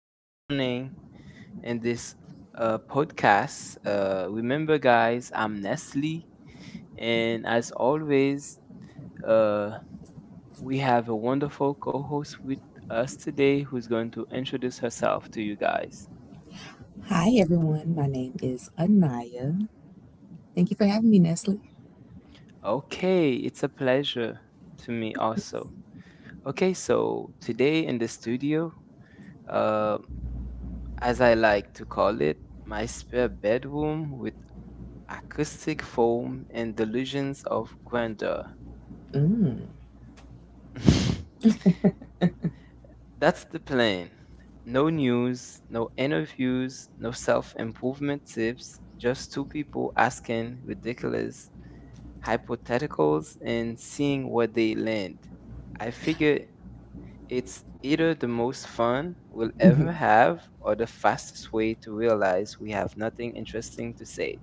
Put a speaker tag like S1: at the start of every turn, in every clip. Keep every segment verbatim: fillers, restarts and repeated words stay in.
S1: this morning, in this uh, podcast. Uh, remember, guys, I'm Nestle, and as always, uh, we have a wonderful co host with us today who's going to introduce herself to you guys.
S2: Hi, everyone. My name is Anaya. Thank you for having me, Nestle.
S1: Okay, it's a pleasure to me also. Okay, so today in the studio, uh, as I like to call it, my spare bedroom with acoustic foam and delusions of grandeur.
S2: Mm.
S1: That's the plan. No news, no interviews, no self improvement tips, just two people asking ridiculous hypotheticals and seeing where they land. I figure it's either the most fun we'll ever have or the fastest way to realize we have nothing interesting to say.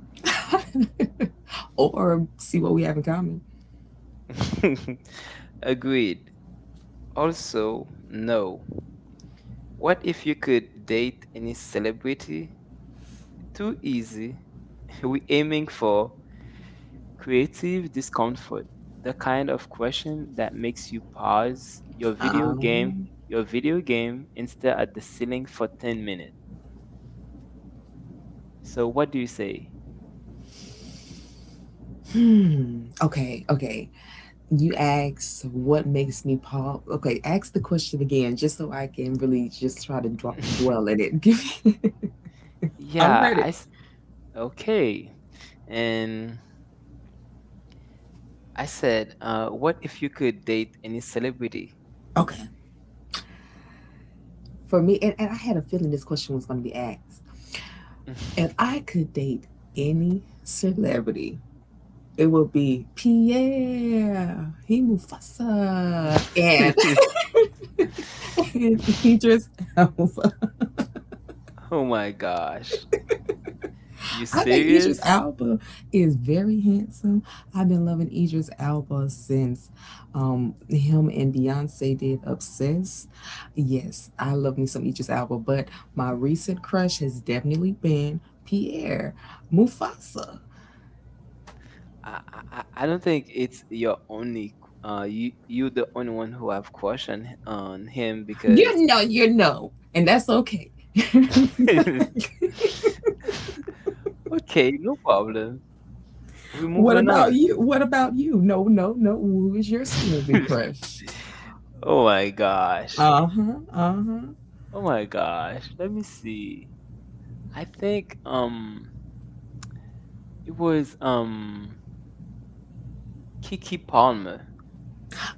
S2: Or see what we have in common.
S1: Agreed. Also, no. What if you could date any celebrity? Too easy. We're aiming for creative discomfort, the kind of question that makes you pause your video game,
S2: Um,
S1: your video game, and stare at the ceiling for ten minutes. So, what do you say?
S2: hmm. Okay, okay. You asked what makes me pop. Okay, ask the question again just so I can really just try to dw- dwell in it. Give me. I'm
S1: Yeah,
S2: ready.
S1: I. S- okay. And I said, uh, what if you could date any celebrity?
S2: Okay. For me, and, and I had a feeling this question was going to be asked. If I could date any celebrity, it will be Pierre, he Mufasa, and and Idris Elba.
S1: Oh my gosh. You
S2: I think Idris
S1: serious?
S2: Elba is very handsome. I've been loving Idris Elba since um, him and Beyonce did Obsessed. Yes, I love me some Idris Elba, but my recent crush has definitely been Pierre Mufasa.
S1: I, I I I don't think it's your only uh you you the only one who have crush on, on him because
S2: You know, you know, and that's okay.
S1: okay, no problem. We're
S2: What
S1: moving
S2: about
S1: on.
S2: you? What about you? No, no, no. Who is your celebrity crush?
S1: Oh my gosh.
S2: Uh huh. Uh huh.
S1: Oh my gosh. Let me see. I think um it was um Kiki Palmer.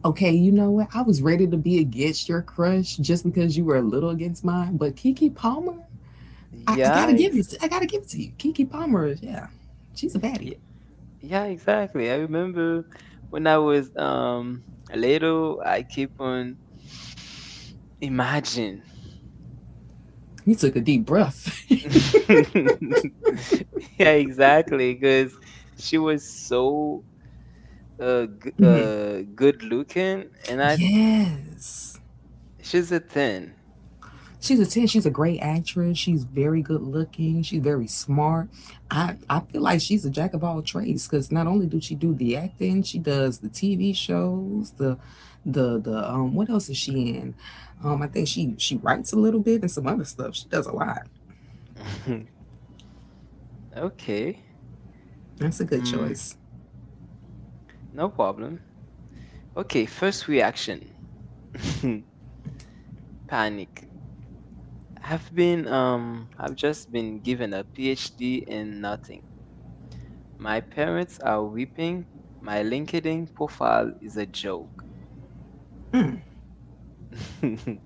S2: Okay, you know what? I was ready to be against your crush just because you were a little against mine, but Kiki Palmer, I, I
S1: Yeah,
S2: gotta give you.
S1: ex-
S2: I gotta give it to you. Kiki Palmer, is- yeah, she's a baddie.
S1: yeah, exactly. I remember when I was um little, I keep on imagine.
S2: He took a deep breath.
S1: Yeah, exactly. Because she was so uh, g-
S2: Mhm.
S1: uh good looking, and I
S2: Yes.
S1: she's a ten.
S2: She's a ten. She's a great actress. She's very good looking. She's very smart. I, I feel like she's a jack of all trades because not only do she do the acting, she does the T V shows, the the the um what else is she in? Um I think she she writes a little bit and some other stuff. She does a lot.
S1: Okay,
S2: That's a good
S1: mm,
S2: choice.
S1: no problem. Okay, first reaction. Panic. I've been um I've just been given a PhD in nothing. My parents are weeping. My LinkedIn profile is a joke.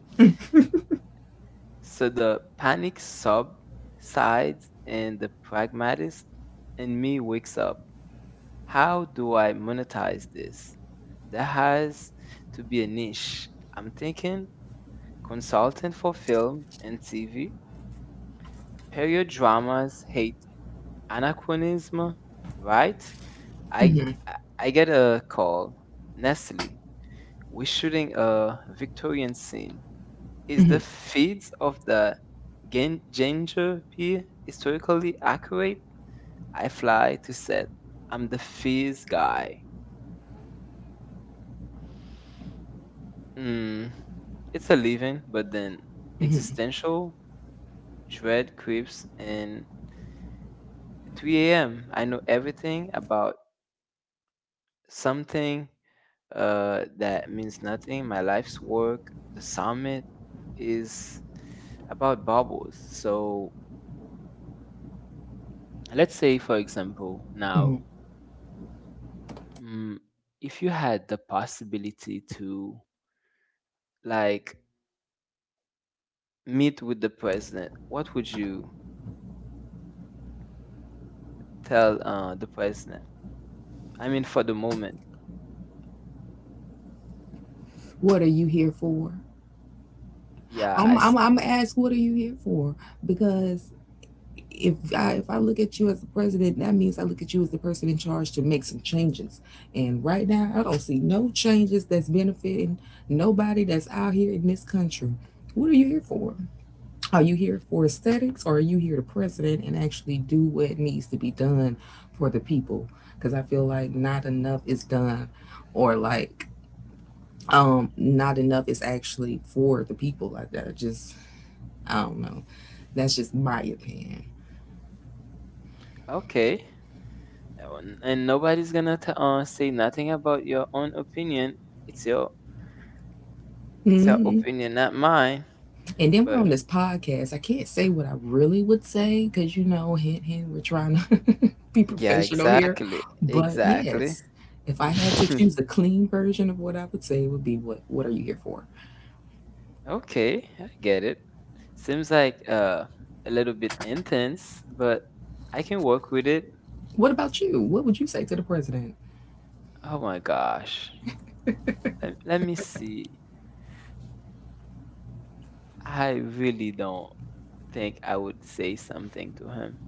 S1: So the panic sub sides and the pragmatist in me wakes up. How do I monetize this? There has to be a niche. I'm thinking consultant for film and T V. Period dramas hate anachronism, right? I
S2: hmm
S1: I I get a call. Nestle. We're shooting a Victorian scene. Is the feeds of the gan- ginger beer historically accurate? I fly to set. I'm the fizz guy. Mm, it's a living, but then existential dread creeps in three a m. I know everything about something uh, that means nothing. My life's work, the summit is about bubbles. So let's say for example now,
S2: hmm
S1: mm, if you had the possibility to like meet with the president, what would you tell uh, the president? I mean, for the moment.
S2: What are you here for?
S1: Yeah, I
S2: I'm
S1: s-
S2: I'm I'm asked, what are you here for? Because if I if I look at you as the president, that means I look at you as the person in charge to make some changes. And right now, I don't see no changes that's benefiting nobody that's out here in this country. What are you here for? Are you here for aesthetics, or are you here to president and actually do what needs to be done for the people? Because I feel like not enough is done, or like um not enough is actually for the people. Like that, just I don't know. That's just my opinion.
S1: okay. And and nobody's gonna t- uh, say nothing about your own opinion. It's your, it's your
S2: Mm-hmm.
S1: opinion, not mine.
S2: And then we're
S1: But
S2: on this podcast. I can't say what I really would say because, you know, hint, hint, we're trying to be
S1: yeah,
S2: professional here.
S1: exactly,
S2: But
S1: exactly.
S2: yes, if I had to choose a clean version of what I would say, it would be what, what are you here for?
S1: Okay, I get it. Seems like uh, a little bit intense, but I can work with it.
S2: What about you? What would you say to the president?
S1: Oh my gosh. Let, let me see. I really don't think I would say something to him.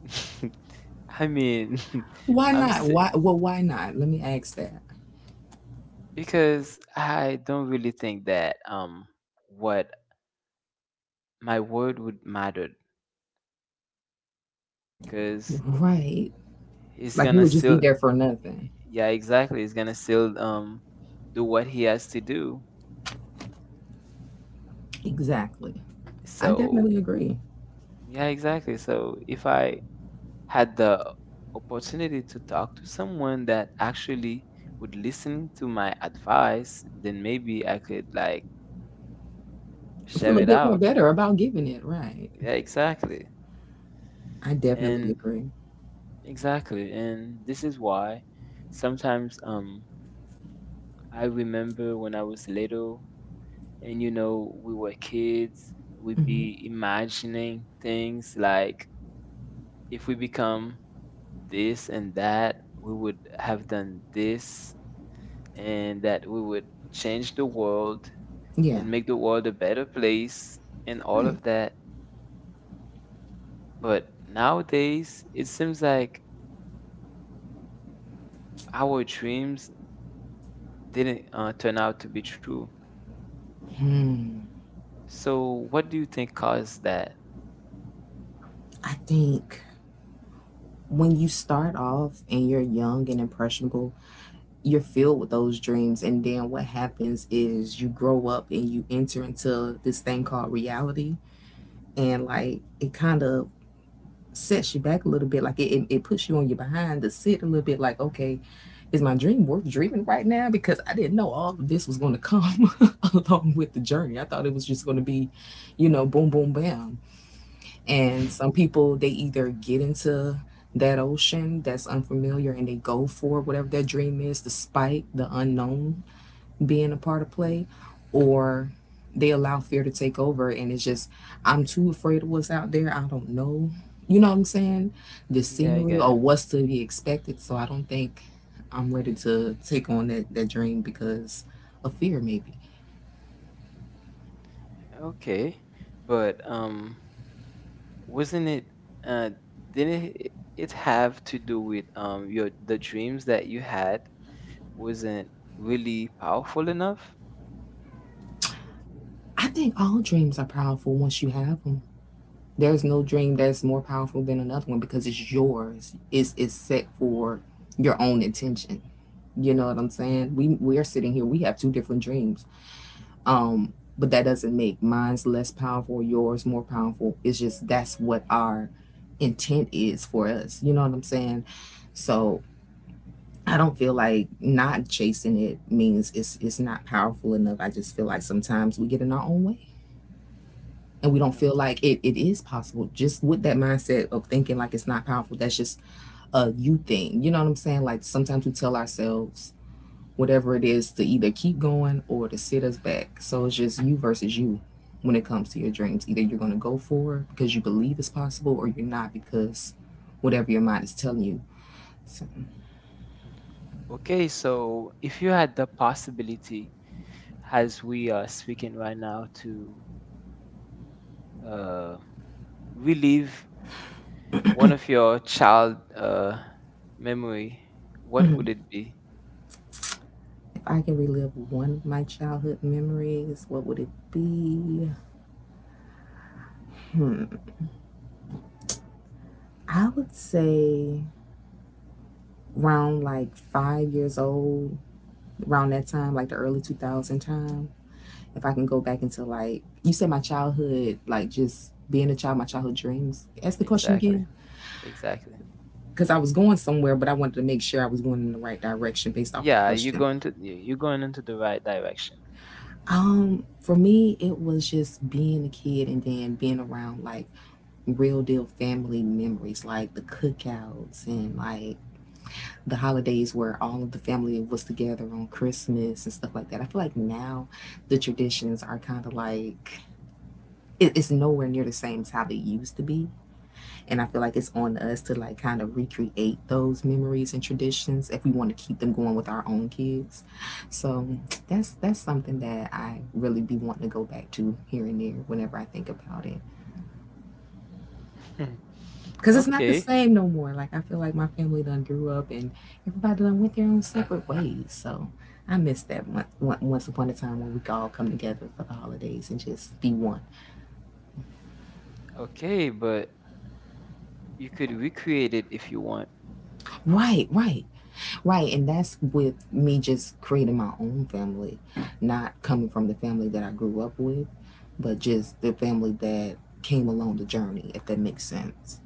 S1: I mean,
S2: Why
S1: I'm
S2: not?
S1: si-
S2: Why? Well, why not? Let me ask that.
S1: because I don't really think that um what my word would matter because
S2: Right.
S1: he's
S2: Like you
S1: gonna
S2: would just be
S1: still,
S2: there for nothing.
S1: yeah, exactly, he's gonna still um do what he has to do.
S2: Exactly. I
S1: So
S2: definitely agree.
S1: yeah, exactly. So if I had the opportunity to talk to someone that actually would listen to my advice, then maybe I could like
S2: I feel
S1: share
S2: a
S1: it
S2: bit more
S1: out.
S2: better about giving it. Right.
S1: Yeah, exactly.
S2: I definitely
S1: And
S2: agree.
S1: exactly. And this is why sometimes um I remember when I was little, and you know, we were kids, we'd be
S2: Hmm.
S1: imagining things like if we become this and that, we would have done this and that, we would change the world
S2: Yeah.
S1: and make the world a better place and all
S2: Right.
S1: of that. But nowadays, it seems like our dreams didn't uh, turn out to be true.
S2: Hmm.
S1: So, what do you think caused that?
S2: I think when you start off and you're young and impressionable, you're filled with those dreams. And then what happens is you grow up and you enter into this thing called reality. And like it kind of sets you back a little bit. Like it, it, it puts you on your behind to sit a little bit like, okay, is my dream worth dreaming right now? Because I didn't know all of this was going to come along with the journey. I thought it was just going to be, you know, boom, boom, bam. And some people, they either get into that ocean that's unfamiliar and they go for whatever their dream is, despite the unknown being a part of play, or they allow fear to take over. And it's just, I'm too afraid of what's out there. I don't know, you know what I'm saying? The
S1: Yeah, I
S2: scenery
S1: get
S2: or
S1: it.
S2: what's to be expected. So I don't think I'm ready to take on that, that dream because of fear, maybe.
S1: Okay, but um, wasn't it uh, didn't it it have to do with um your the dreams that you had wasn't really powerful enough?
S2: I think all dreams are powerful once you have them. There's no dream that's more powerful than another one because it's yours. It's it's set for your own intention. You know what I'm saying? We we are sitting here. We have two different dreams. Um, but that doesn't make mine's less powerful, yours more powerful. It's just that's what our intent is for us. You know what I'm saying? So I don't feel like not chasing it means it's it's not powerful enough. I just feel like sometimes we get in our own way and we don't feel like it, it is possible, just with that mindset of thinking like it's not powerful. That's just a you thing, you know what I'm saying? Like sometimes we tell ourselves whatever it is to either keep going or to sit us back. So it's just you versus you. When it comes to your dreams, either you're going to go for it because you believe it's possible, or you're not, because whatever your mind is telling you. So
S1: Okay, so if you had the possibility, as we are speaking right now, to uh, relive one of your child uh, memory, what would it be?
S2: if I can relive one of my childhood memories, what would it be? I would say around like five years old. Around that time, like the early two thousand time, if I can go back into like, you said my childhood, like just being a child, my childhood dreams. Ask the question
S1: Exactly,
S2: again.
S1: exactly.
S2: Because I was going somewhere, but I wanted to make sure I was going in the right direction based off the
S1: Yeah, you're
S2: question.
S1: going to you- you're going into the right direction.
S2: Um, for me, it was just being a kid and then being around like real deal family memories, like the cookouts and like the holidays where all of the family was together on Christmas and stuff like that. I feel like now the traditions are kind of like it, it's nowhere near the same as how they used to be. And I feel like it's on us to like kind of recreate those memories and traditions if we want to keep them going with our own kids. So that's that's something that I really be wanting to go back to here and there whenever I think about it.
S1: Hmm.
S2: 'Cause it's not the
S1: Okay,
S2: same no more. Like I feel like my family done grew up and everybody done went their own separate ways. So I miss that one, one, once upon a time when we could all come together for the holidays and just be one.
S1: okay, but you could recreate it if you want.
S2: Right, right, right. And that's with me just creating my own family, not coming from the family that I grew up with, but just the family that came along the journey, if that makes sense.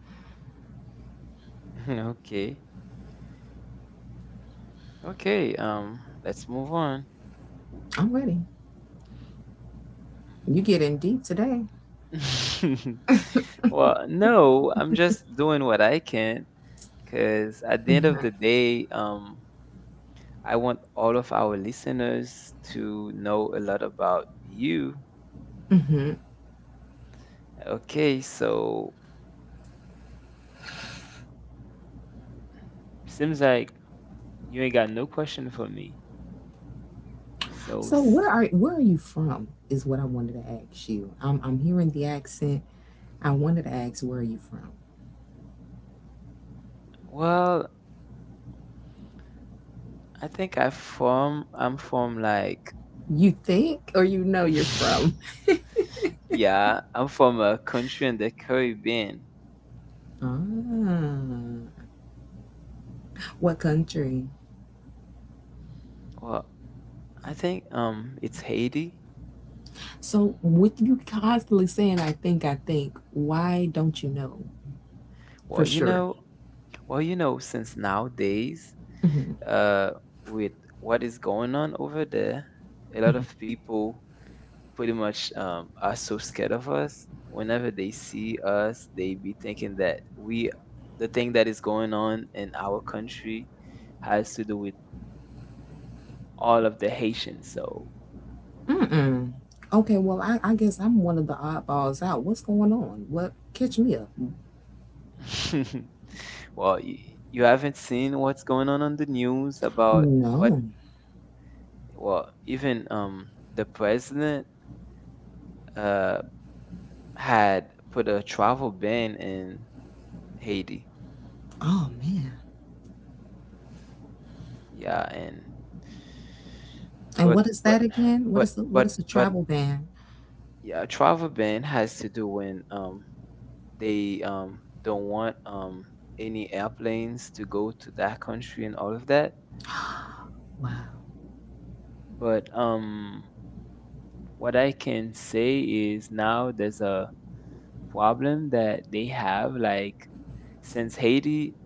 S1: Okay, okay, um, let's move on.
S2: I'm ready. You get in deep today.
S1: Well, no, I'm just doing what I can because at the end of the day, um, I want all of our listeners to know a lot about you. Okay, so seems like you ain't got no question for me. So,
S2: So where
S1: s-
S2: are where are you from? Is what I wanted to ask you. I'm I'm hearing the accent. I wanted to ask, where are you from?
S1: well, I think I from I'm from like
S2: You think or you know you're from?
S1: yeah, I'm from a country in the Caribbean.
S2: Ah, what country?
S1: Well. I think um it's Haiti.
S2: So with you constantly saying I think I think, why don't you know
S1: Well,
S2: for
S1: you
S2: sure?
S1: know, well, you know, since nowadays,
S2: Hmm.
S1: uh, with what is going on over there, a lot of people pretty much um are so scared of us. Whenever they see us, they be thinking that we, the thing that is going on in our country, has to do with all of the Haitians. So,
S2: Mm-mm. Okay, well, I, I guess I'm one of the oddballs out. What's going on? What catch me up?
S1: well, you, you haven't seen what's going on on the news about. What
S2: No.
S1: well, even um the president uh had put a travel ban in Haiti.
S2: Oh man.
S1: Yeah, and
S2: And
S1: but
S2: what is
S1: but
S2: that again? What
S1: but
S2: is the what
S1: but
S2: is the
S1: but
S2: travel ban?
S1: yeah, a travel ban has to do when um they um don't want um any airplanes to go to that country and all of that.
S2: Wow.
S1: But um what I can say is now there's a problem that they have, like, since Haiti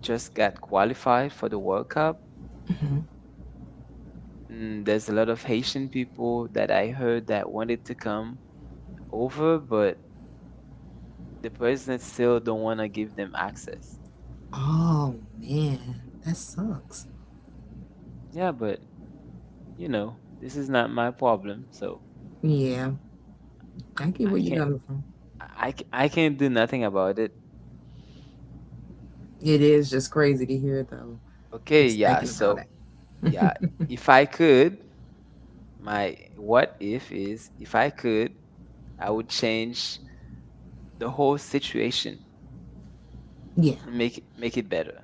S1: just got qualified for the World Cup,
S2: Hmm.
S1: mm, there's a lot of Haitian people that I heard that wanted to come over, but the president still don't want to give them access.
S2: Oh man, that sucks.
S1: Yeah, but you know, this is not my problem, so
S2: Yeah, I get where
S1: I
S2: you're
S1: can't,
S2: coming from.
S1: I, c- I can't do nothing about it.
S2: It is just crazy to hear though.
S1: Okay,
S2: Just
S1: yeah,
S2: thinking about
S1: so
S2: it.
S1: yeah, if I could, my what if is if I could, I would change the whole situation
S2: Yeah.
S1: and make make it better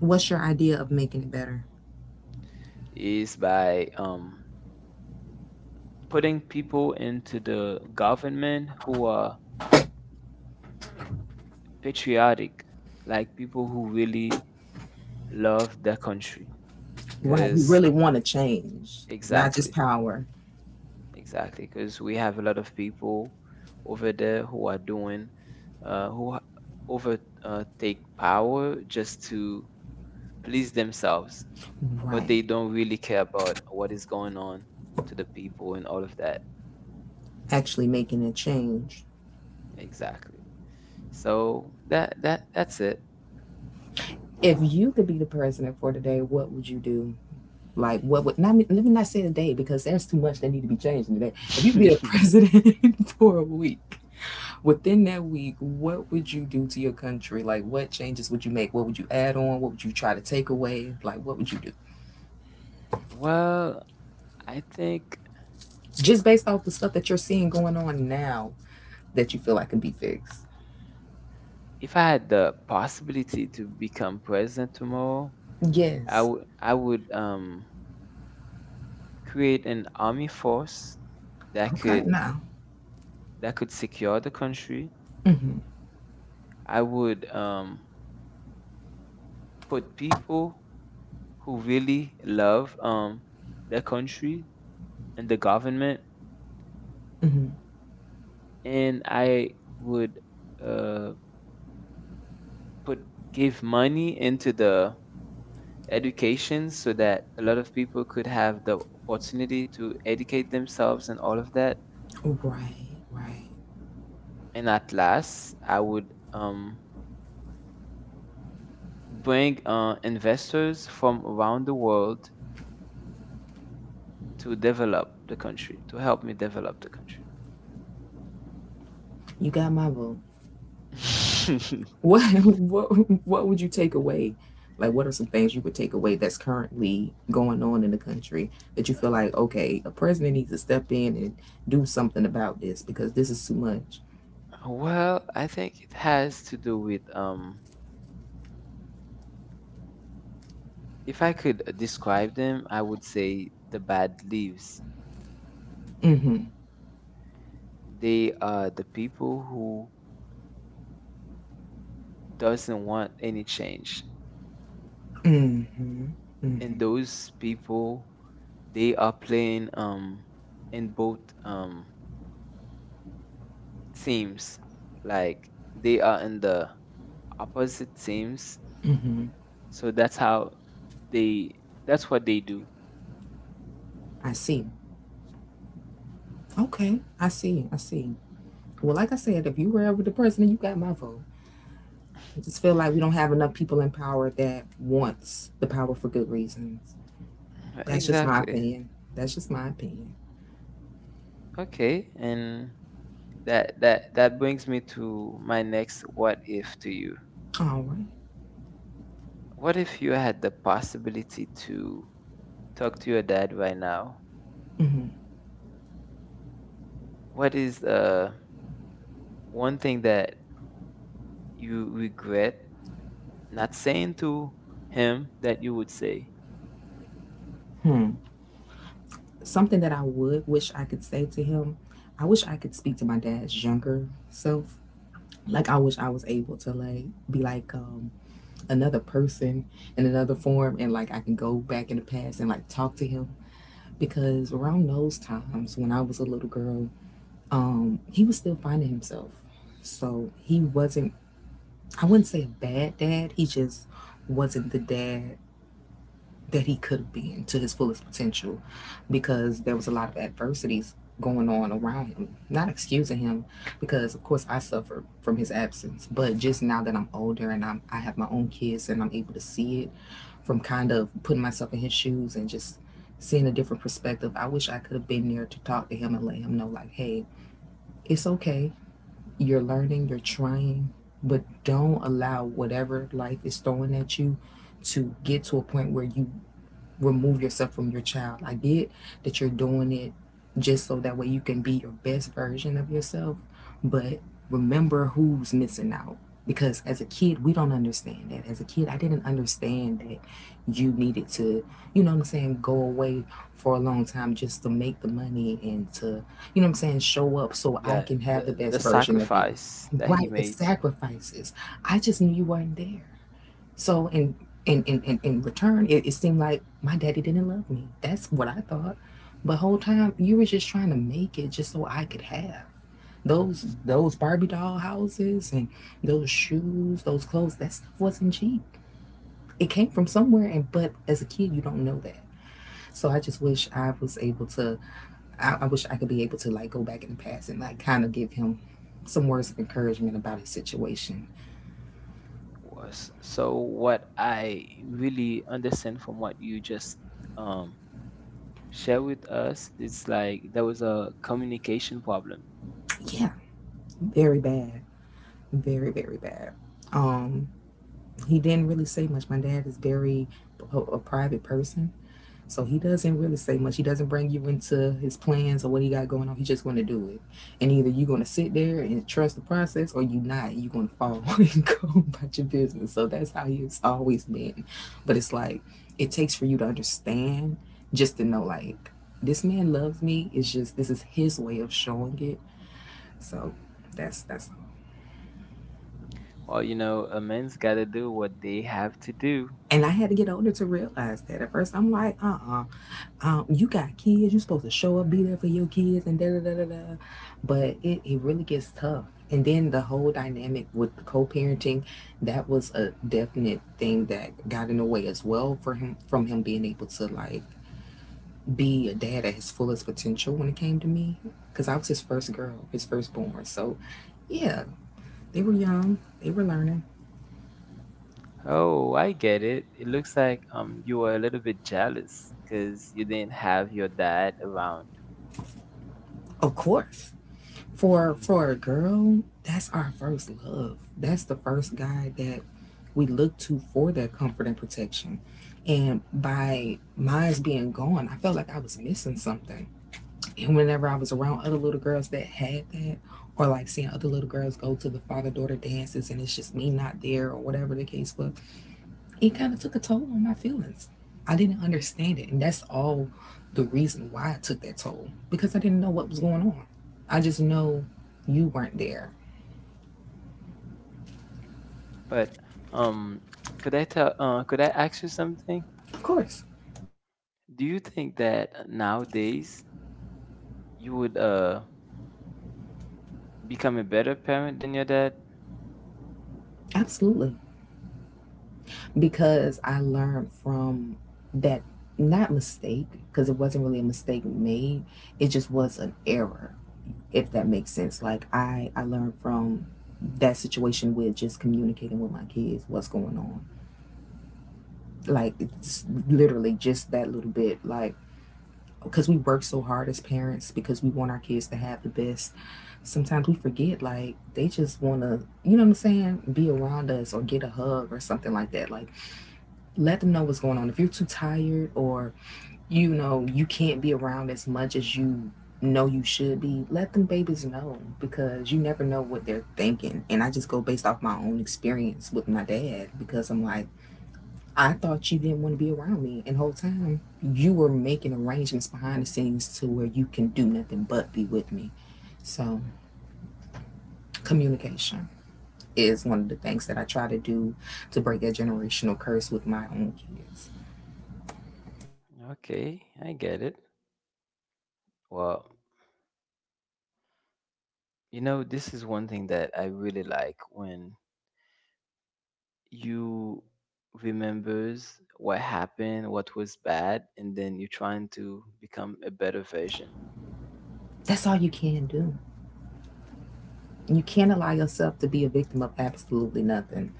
S2: What's your idea of making it better?
S1: is by um, putting people into the government who are patriotic, like people who really love their country.
S2: Right. Who
S1: Because
S2: really want to change, not just
S1: exactly,
S2: power.
S1: exactly, because we have a lot of people over there who are doing, uh, who ha- over uh, take power just to please themselves, but they
S2: Right.
S1: don't really care about what is going on to the people and all of that.
S2: Actually making a change.
S1: Exactly. So that that that's it.
S2: If you could be the president for today, what would you do? Like, what would, not, let me not say today because there's too much that need to be changed today. If you be the president for a week, within that week, what would you do to your country? Like, what changes would you make? What would you add on? What would you try to take away? Like, what would you do?
S1: Well, I think
S2: Just based off the stuff that you're seeing going on now that you feel like can be fixed.
S1: if I had the possibility to become president tomorrow, I
S2: Yes.
S1: would I would um create an army force that
S2: Okay,
S1: could
S2: now.
S1: that could secure the country. I would um put people who really love um their country and the government,
S2: Mm-hmm.
S1: and I would uh put give money into the education so that a lot of people could have the opportunity to educate themselves and all of that.
S2: Right, right.
S1: And at last, I would um, bring uh, investors from around the world to develop the country, to help me develop the country.
S2: You got my vote. What what what would you take away? Like what are some things you would take away that's currently going on in the country that you feel like, okay, a president needs to step in and do something about this because this is too much.
S1: Well, I think it has to do with um, if I could describe them, I would say the bad leaves.
S2: Mm-hmm.
S1: They are the people who doesn't want any change,
S2: Mm-hmm.
S1: and
S2: Mm-hmm.
S1: those people, they are playing um in both um teams, like they are in the opposite teams, so that's how they, that's what they do.
S2: I see. Okay. I see. I see. Well, like I said, if you were ever the president, you got my vote. I just feel like we don't have enough people in power that wants the power for good reasons. That's just my
S1: Exactly.
S2: opinion. That's just my opinion.
S1: Okay, and that that that brings me to my next what if to you.
S2: All right.
S1: What if you had the possibility to talk to your dad right now?
S2: Mm-hmm.
S1: What is uh one thing that you regret not saying to him that you would say?
S2: Hmm. Something that I would wish I could say to him, I wish I could speak to my dad's younger self. Like I wish I was able to like be like um, another person in another form, and like I can go back in the past and like talk to him because around those times when I was a little girl, um, he was still finding himself. So he wasn't. I wouldn't say a bad dad. He just wasn't the dad that he could have been to his fullest potential because there was a lot of adversities going on around him. Not excusing him because of course I suffered from his absence, but just now that I'm older and I'm I have my own kids and I'm able to see it from kind of putting myself in his shoes and just seeing a different perspective. I wish I could have been there to talk to him and let him know like, "Hey, it's okay. You're learning, you're trying, but don't allow whatever life is throwing at you to get to a point where you remove yourself from your child. I get that you're doing it just so that way you can be your best version of yourself, but remember who's missing out. Because as a kid, we don't understand that. As a kid, I didn't understand that you needed to, you know what I'm saying, go away for a long time just to make the money and to, you know what I'm saying, show up so I
S1: Yeah,
S2: can have the
S1: the, the
S2: best version of you.
S1: sacrifice that he
S2: Right, the
S1: made
S2: sacrifices. I just knew you weren't there. So in in in in, return, it, it seemed like my daddy didn't love me. That's what I thought. But whole time you were just trying to make it just so I could have those those Barbie doll houses and those shoes, those clothes. That stuff wasn't cheap. It came from somewhere, and but as a kid, you don't know that. So I just wish I was able to. I, I wish I could be able to like go back in the past and like kind of give him some words of encouragement about his situation.
S1: was. So, what I really understand from what you just um, share with us, it's like there was a communication problem.
S2: Yeah, very bad, very very bad. Um. He didn't really say much. My dad is very a, a private person, so he doesn't really say much. He doesn't bring you into his plans or what he got going on. He's just going to do it, and either you're going to sit there and trust the process, or you are not. You're going to fall and go about your business. So that's how he's always been. But it's like it takes for you to understand, just to know like this man loves me. It's just this is his way of showing it. So that's that's. All.
S1: Or, you know, a man's got to do what they have to do.
S2: And I had to get older to realize that. At first, I'm like, uh uh um, you got kids, you're supposed to show up, be there for your kids, and da da da da da. But it, it really gets tough. And then the whole dynamic with the co-parenting, that was a definite thing that got in the way as well for him from him being able to like be a dad at his fullest potential when it came to me, because I was his first girl, his firstborn. So yeah, they were young, they were learning.
S1: Oh, I get it. It looks like um, you were a little bit jealous because you didn't have your dad around.
S2: Of course. for for a girl, that's our first love. That's the first guy that we look to for that comfort and protection, and by mine's being gone, I felt like I was missing something. And whenever I was around other little girls that had that, or like seeing other little girls go to the father daughter dances and it's just me not there or whatever the case was, it kind of took a toll on my feelings. I didn't understand it, and that's all the reason why I took that toll, because I didn't know what was going on. I just know you weren't there.
S1: But um, could I tell? Uh, could I ask you something?
S2: Of course,
S1: Do you think that nowadays you would uh become a better parent than your dad?
S2: absolutely, because I learned from that not mistake because it wasn't really a mistake made. It just was an error, if that makes sense. Like I, I learned from that situation with just communicating with my kids what's going on. Like it's literally just that little bit. Like because we work so hard as parents because we want our kids to have the best, sometimes we forget like they just want to, you know what I'm saying be around us or get a hug or something like that. Like let them know what's going on if you're too tired or you know you can't be around as much as you know you should be. Let them babies know, because you never know what they're thinking. And I just go based off my own experience with my dad because I'm like I thought you didn't want to be around me. And the whole time you were making arrangements behind the scenes to where you can do nothing but be with me. So communication is one of the things that I try to do to break that generational curse with my own kids.
S1: Okay, I get it. Well, you know, this is one thing that I really like when you remembers what happened, what was bad, and then you're trying to become a better version.
S2: That's all you can do. You can't allow yourself to be a victim of absolutely nothing.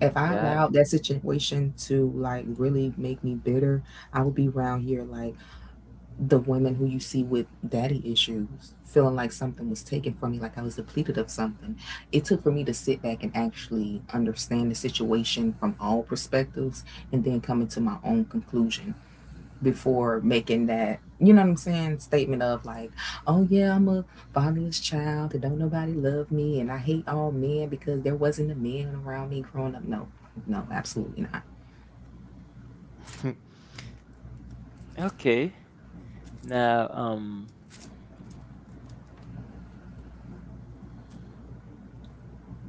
S2: If I
S1: Yeah.
S2: allowed that situation to like really make me bitter, I would be around here like the women who you see with daddy issues, feeling like something was taken from me, like I was depleted of something. It took for me to sit back and actually understand the situation from all perspectives, and then come into my own conclusion before making that, you know what I'm saying statement of like, oh yeah, I'm a fatherless child and don't nobody love me and I hate all men because there wasn't a man around me growing up. No, no, absolutely not.
S1: Okay. Now, um,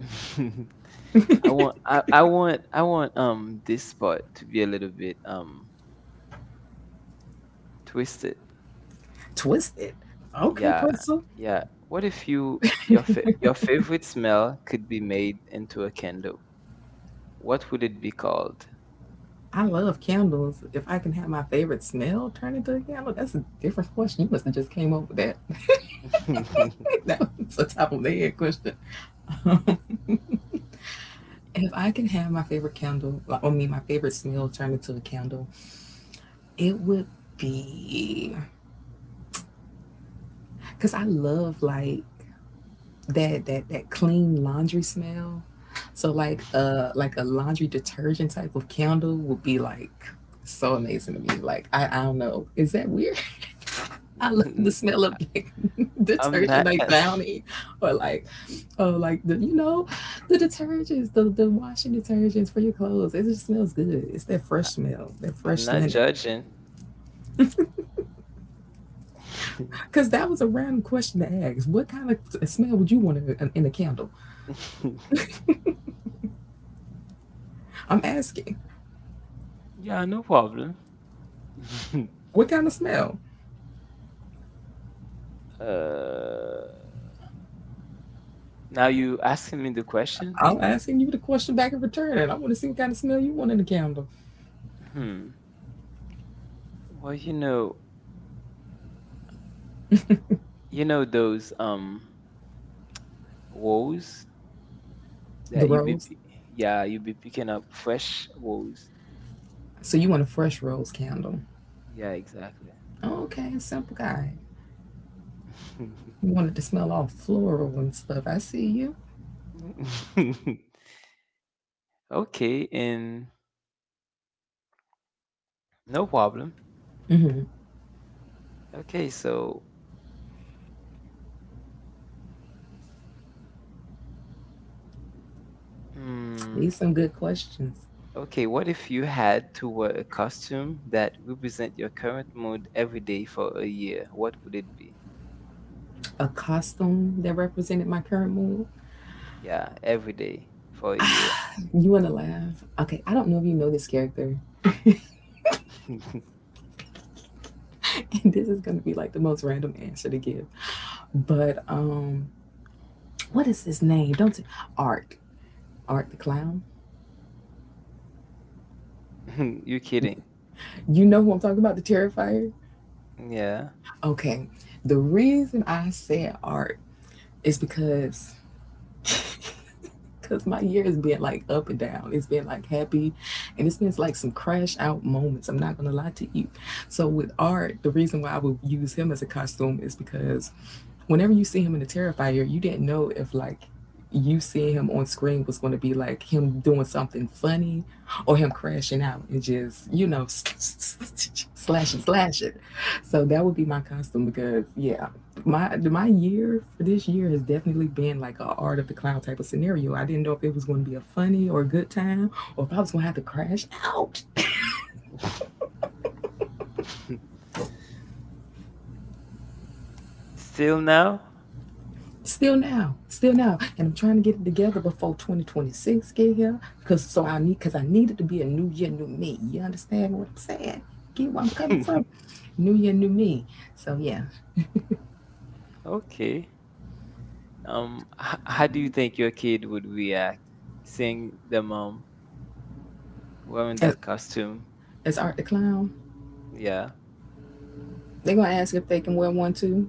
S1: I want, I, I want, I want, um, this part to be a little bit, um, twisted.
S2: Twisted. Okay,
S1: Yeah,
S2: Crystal.
S1: yeah. What if you your fa- your favorite smell could be made into a candle? What would it be called?
S2: I love candles. If I can have my favorite smell turn into a candle, that's a different question. You must have just came up with that.
S1: N-
S2: That was a top of the head question. If I can have my favorite candle, like, or me, my favorite smell turn into a candle, it would be, because I love like that that that clean laundry smell. So like uh like a laundry detergent type of candle would be like so amazing to me. Like I, I don't know. Is that weird? I love the smell of like
S1: I'm
S2: detergent,
S1: not.
S2: like Downy, or like oh, like the you know the detergents, the the washing detergents for your clothes. It just smells good. It's that fresh
S1: I
S2: smell, that
S1: I'm
S2: fresh
S1: not
S2: linen.
S1: judging.
S2: Because that was a random question to ask, what kind of smell would you want in, a, in a candle? I'm asking,
S1: Yeah, no problem.
S2: what kind of smell?
S1: Uh, now you asking me the question?
S2: I'm asking you the question back in return, and I want to see what kind of smell you want in the candle.
S1: Hmm. Well, you know, you know those um woes
S2: The
S1: that you be,
S2: rose.
S1: p- yeah, you be picking up fresh woes.
S2: So you want a fresh rose candle.
S1: Yeah, exactly.
S2: Okay, simple guy. You want it to smell all floral and stuff. I see you.
S1: Okay, and no problem. Okay, so. mm
S2: These some good questions.
S1: Okay, what if you had to wear a costume that represent your current mood every day for a year? What would it be?
S2: A costume that represented my current mood.
S1: Yeah, every day for a year.
S2: You want to laugh? Okay, I don't know if you know this character. And this is gonna be like the most random answer to give. But um, what is his name? Don't t- Art. Art the clown.
S1: You kidding?
S2: You know who I'm talking about, the Terrifier?
S1: Yeah.
S2: Okay. The reason I said art is because cause my year has been like up and down. It's been like happy, and it's been like some crash out moments. I'm not gonna lie to you. So with art, the reason why I would use him as a costume is because whenever you see him in the Terrifier, you didn't know if like you seeing him on screen was going to be like him doing something funny or him crashing out and just you know slashing slashing. So that would be my costume because yeah. My my year for this year has definitely been like a art of the clown type of scenario. I didn't know if it was going to be a funny or a good time, or if I was going to have to crash out.
S1: Still now?
S2: Still now, still now, and I'm trying to get it together before twenty twenty-six get here, because so I need because I need it to be a new year, new me. You understand what I'm saying? Get where I'm coming from? New year, new me. So yeah,
S1: Okay. Um, h- how do you think your kid would react seeing the mom wearing
S2: as,
S1: that costume?
S2: as art the clown,
S1: Yeah.
S2: they're gonna ask if they can wear one too.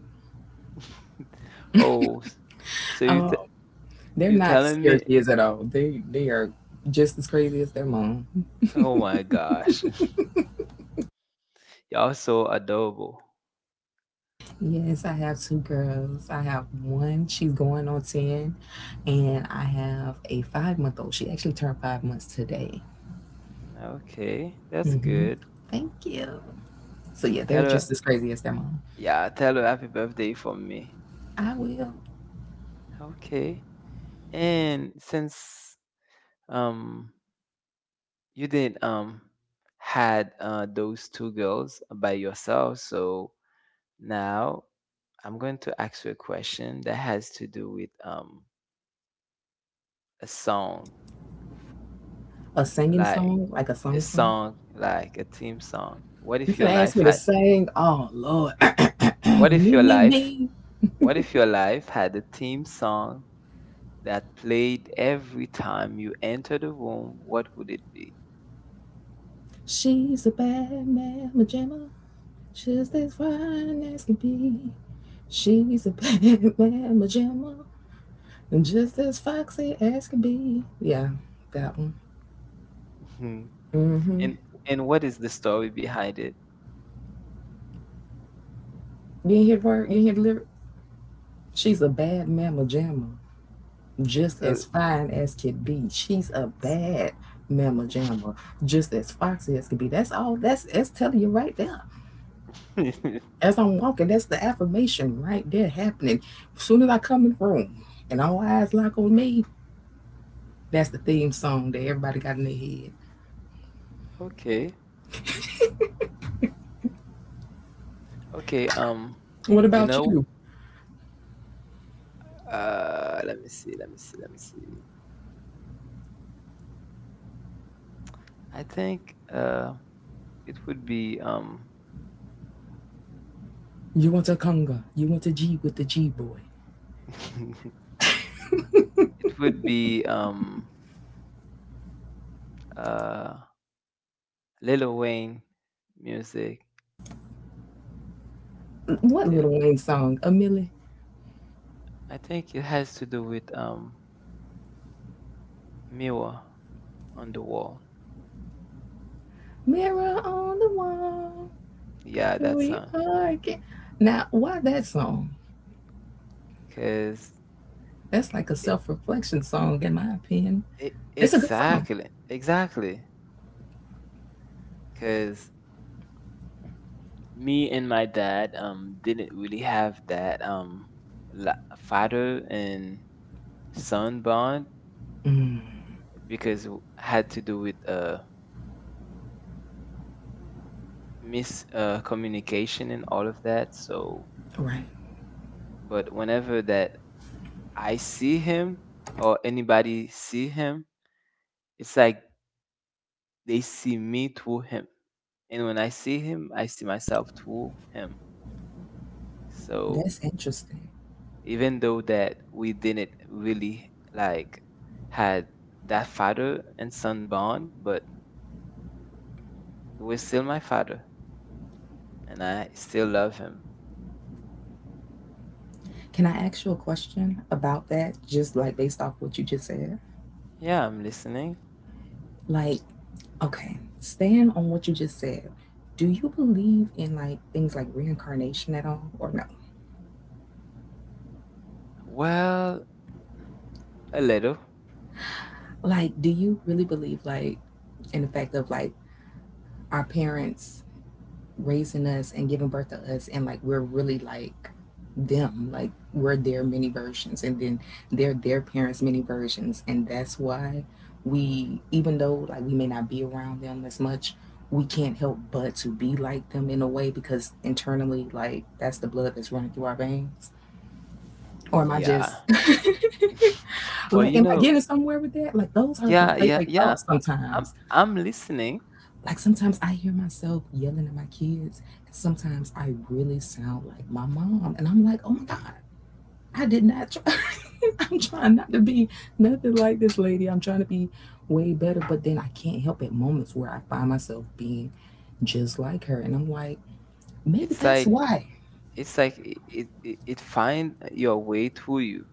S1: Oh, s- so you
S2: Um,
S1: t-
S2: They're
S1: you
S2: not
S1: telling me?
S2: scared kids at all. They they are just as crazy as their mom.
S1: Oh my gosh. Also adobo.
S2: Yes, I have two girls. I have one, she's going on ten, and I have a five month old. She actually turned five months today.
S1: Okay, that's
S2: Hmm.
S1: good.
S2: Thank you. So yeah,
S1: Tell
S2: they're
S1: her,
S2: just as crazy as their mom.
S1: yeah, tell her happy birthday from me.
S2: I will.
S1: Okay. And since um you didn't um had uh, those two girls by yourself, so now I'm going to ask you a question that has to do with um a song,
S2: A singing
S1: like
S2: song, like a
S1: a
S2: song song.
S1: song, like a theme song. What
S2: You
S1: if your
S2: finna ask
S1: life
S2: me to
S1: had?
S2: sing? Oh Lord,
S1: What if
S2: me
S1: your
S2: me
S1: life?
S2: me.
S1: What if your life had a theme song that played every time you entered a room, what would it be?
S2: She's a bad mama jamma, just as fine as can be. She's a bad man, pajama, just as foxy as can be. Yeah, that one.
S1: Mhm.
S2: Mm-hmm.
S1: And and what is the story behind it?
S2: You ain't hear the word? You ain't hear the lyric? She's a bad mama jamma, just
S1: So
S2: as fine as can be. She's a bad mama jamma, just as foxy as can be. That's all. That's that's telling you right there. As I'm walking, that's the affirmation right there happening. As soon as I come in the room and all eyes lock on me, that's the theme song that everybody got in their head.
S1: okay, okay. Um,
S2: What
S1: you
S2: about
S1: know,
S2: you?
S1: uh, let me see, let me see, let me see. I think uh, it would be um,
S2: You want a conga. You want a G with the G boy.
S1: it would be um, uh, Lil Wayne music.
S2: What
S1: Lil-
S2: Little Wayne song? A Millie.
S1: I think it has to do with um, mirror on the wall.
S2: Mirror on the wall.
S1: Yeah,
S2: Here
S1: that
S2: we
S1: song.
S2: are again. Now, why that song?
S1: Cause
S2: That's like a
S1: e
S2: self reflection song, in my opinion.
S1: e
S2: It's a good song.
S1: exactly, exactly. Cause me and my dad um didn't really have that um la- father and son bond because it had to do with uh mis uh, communication and all of that. So,
S2: Right.
S1: but whenever that I see him or anybody see him, it's like they see me through him, and when I see him, I see myself through him. So
S2: That's interesting.
S1: even though that we didn't really like had that father and son bond, but it was still my father and I still love him.
S2: Can I ask you a question about that, just like based off what you just said?
S1: Yeah, I'm listening.
S2: Like, okay, stand on what you just said. Do you believe in like things like reincarnation at all or no?
S1: Well, a little.
S2: Like, do you really believe, like, in the fact of like our parents raising us and giving birth to us, and like we're really like them, like we're their mini versions, and then they're their parents' mini versions, and that's why we, even though like we may not be around them as much, we can't help but to be like them in a way because internally, like, that's the blood that's running through our veins. Or am I
S1: Yeah.
S2: just
S1: well,
S2: like,
S1: you
S2: am I
S1: know,
S2: getting somewhere with that? Like, those are my
S1: yeah,
S2: late
S1: yeah,
S2: like,
S1: yeah.
S2: thoughts
S1: I- I'm
S2: sometimes.
S1: I'm listening.
S2: Like sometimes I hear myself yelling at my kids. And sometimes I really sound like my mom. And I'm like, oh my God, I did not try. I'm trying not to be nothing like this lady. I'm trying to be way better. But then I can't help at moments where I find myself being just like her. And I'm like, maybe
S1: It's
S2: that's
S1: like
S2: why.
S1: it's like i- it it, it find your way through you.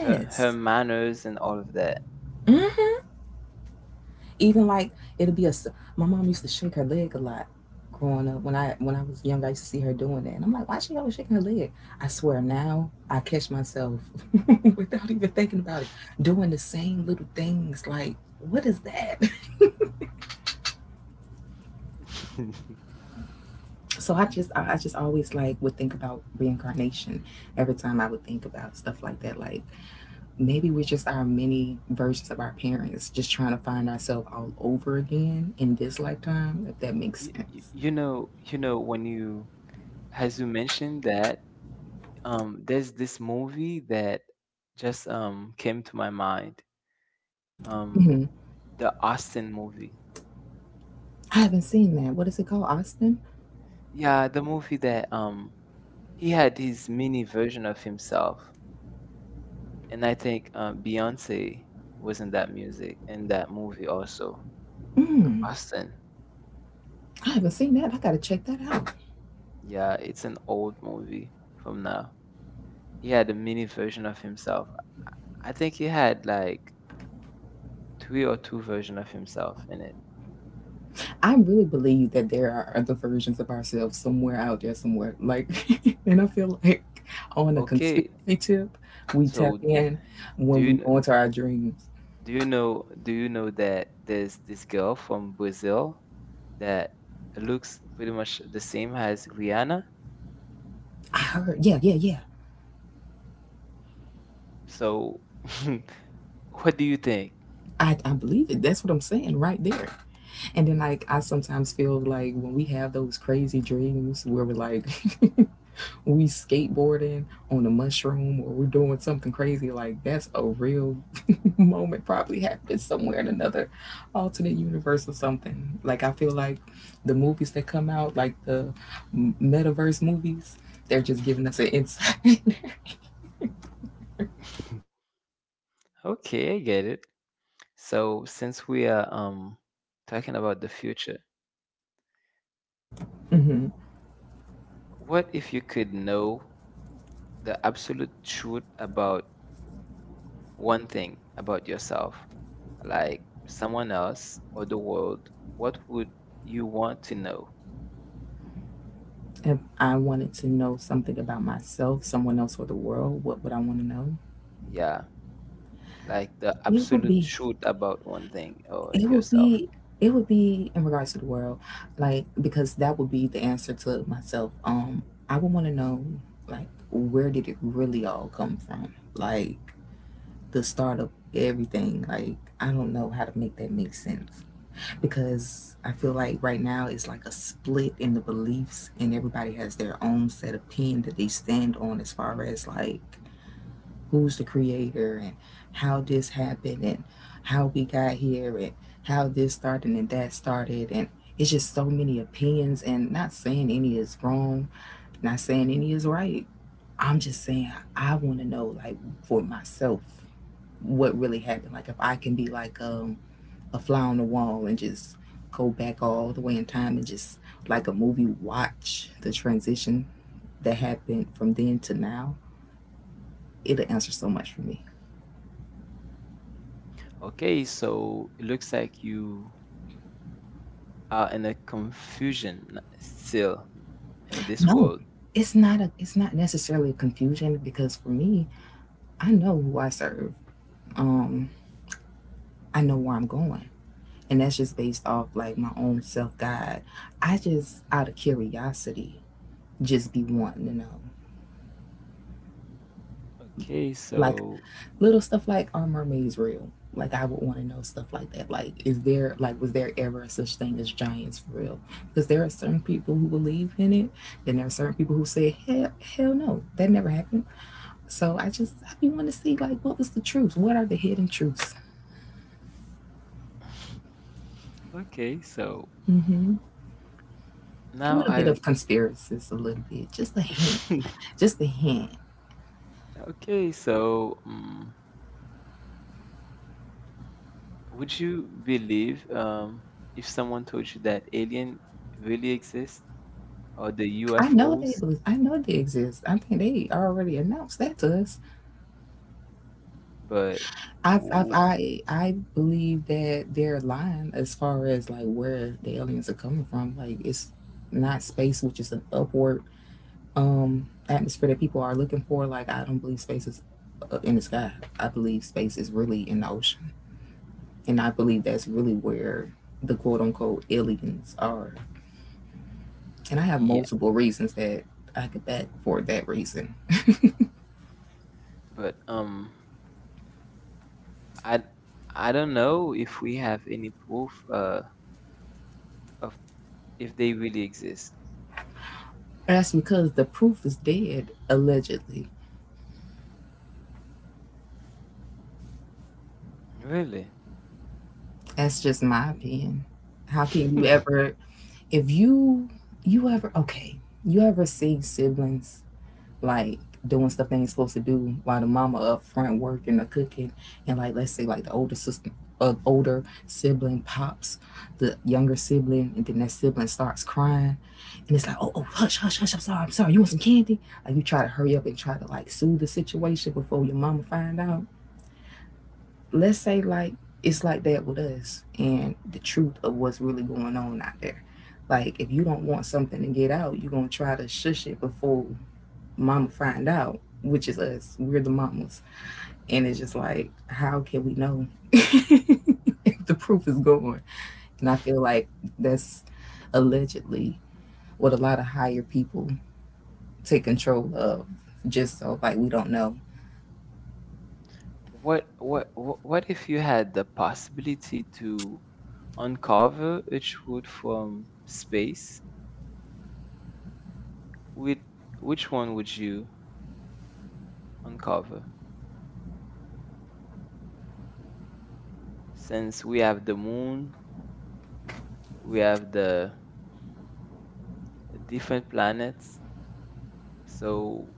S1: Her, her manners and all of that.
S2: Hmm, even like it'll be a. My mom used to shake her leg a lot growing up when i when I was young, I used to see her doing that and I'm like, why she always shaking her leg? I swear now I catch myself without even thinking about it doing the same little things. Like, what is that?
S1: you,
S2: so i just i I just always like would think about reincarnation every time I would think about stuff like that. Like maybe we're just our mini versions of our parents just trying to find ourselves all over again in this lifetime, if that makes
S1: you,
S2: sense.
S1: you know, you know when you as you mentioned that, um, there's this movie that just um, came to my mind. Um, the Austin movie.
S2: I haven't seen that. What is it called? Austin?
S1: Yeah, the movie that um, he had his mini version of himself, and I think uh, Beyonce was in that music in that movie also. Austin.
S2: I haven't seen that. I gotta check that out.
S1: Yeah, it's an old movie from now. He had a mini version of himself. I think he had like three or two version of himself in it.
S2: I really believe that there are other versions of ourselves somewhere out there, somewhere. Like, and I feel like on a
S1: Okay,
S2: conspiracy tip, we tap
S1: so
S2: in
S1: do
S2: when
S1: you
S2: we
S1: know?
S2: go into our dreams.
S1: Do you know do you know that there's this girl from Brazil that looks pretty much the same as Rihanna?
S2: I heard, yeah, yeah, yeah.
S1: So what do you think?
S2: I, I believe it. That's what I'm saying right there. And then, like, I sometimes feel like when we have those crazy dreams where we're like, we skateboarding on a mushroom or we're doing something crazy, like that's a real moment probably happened somewhere in another alternate universe or something. Like I feel like the movies that come out, like the metaverse movies, they're just giving us an insight.
S1: Okay, I get it. So since we are um talking about the future, what if you could know the absolute truth about one thing about yourself, like someone else or the world? What would you want to know?
S2: If I wanted to know something about myself, someone else, or the world, what would I want to know?
S1: Yeah, like the
S2: it would
S1: absolute
S2: be
S1: truth about one thing or
S2: It would
S1: yourself.
S2: be it would be in regards to the world, like because that would be the answer to myself. Um, I would want to know like where did it really all come from? Like the start of everything. Like I don't know how to make that make sense, because I feel like right now it's like a split in the beliefs and everybody has their own set of pin that they stand on as far as like who's the creator and how this happened and how we got here and how this started and that started, and it's just so many opinions. And not saying any is wrong, not saying any is right, I'm just saying I want to know like, for myself, what really happened. Like if I can be like um a fly on the wall and just go back all the way in time and just, like a movie, watch the transition that happened from then to now, it'll answer so much for me.
S1: Okay, so it looks like you are in a confusion still in this
S2: No,
S1: world.
S2: it's not a it's not necessarily a confusion, because for me, I know who I serve. Um, I know where I'm going. And that's just based off like my own self guide. I just out of curiosity just be wanting to know.
S1: Okay,
S2: Like
S1: so
S2: little stuff like, are mermaids real? Like I would want to know stuff like that. Like is there like, was there ever a such thing as giants for real? Because there are certain people who believe in it, then there are certain people who say, hell hell no, that never happened. So I just I be wanting to see, like what was the truth? What are the hidden truths?
S1: okay, so
S2: A
S1: now
S2: little bit
S1: I
S2: of conspiracies, a little bit, just a hint, just a hint.
S1: okay, so um, would you believe um if someone told you that alien really exist or the
S2: I know they
S1: U F Os,
S2: believe. I know they exist. I think they already announced that to us.
S1: but
S2: I've, I've,
S1: w-
S2: I I believe that they're lying as far as like where the aliens are coming from. Like it's not space, which is an upward um atmosphere that people are looking for. Like I don't believe space is uh, in the sky. I believe space is really in the ocean. And I believe that's really where the quote unquote aliens are. And I have
S1: yeah,
S2: multiple reasons that I could back for that reason.
S1: but um I I don't know if we have any proof uh, of if they really exist.
S2: That's because the proof is dead, allegedly.
S1: Really?
S2: That's just my opinion. How can you ever, if you, you ever, okay, you ever see siblings like doing stuff they ain't supposed to do while the mama up front working or cooking, and like let's say like the older sister uh, older sibling pops the younger sibling and then that sibling starts crying, and it's like, oh oh, hush hush hush, I'm sorry, I'm sorry, you want some candy, like you try to hurry up and try to like soothe the situation before your mama find out. Let's say like it's like that with us and the truth of what's really going on out there. Like if you don't want something to get out, you're gonna try to shush it before mama find out, which is us. We're the mamas. And it's just like, how can we know if the proof is gone? And I feel like that's allegedly what a lot of higher people take control of, just so like we don't know.
S1: What what wh- what if you had the possibility to uncover a truth from space? With which one would you uncover? Since we have the moon, we have the different planets. So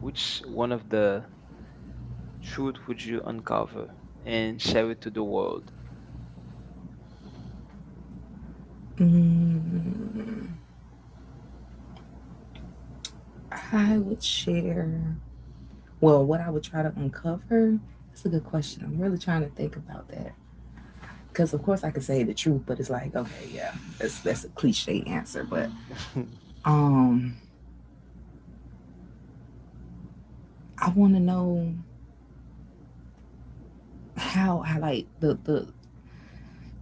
S1: which one of the truth would you uncover and share it to the world?
S2: Mm, I would share, well, what I would try to uncover. That's a good question. I'm really trying to think about that. Because of course I could say the truth, but it's like, okay, yeah, that's that's a cliche answer. But um I wanna know how I, like the the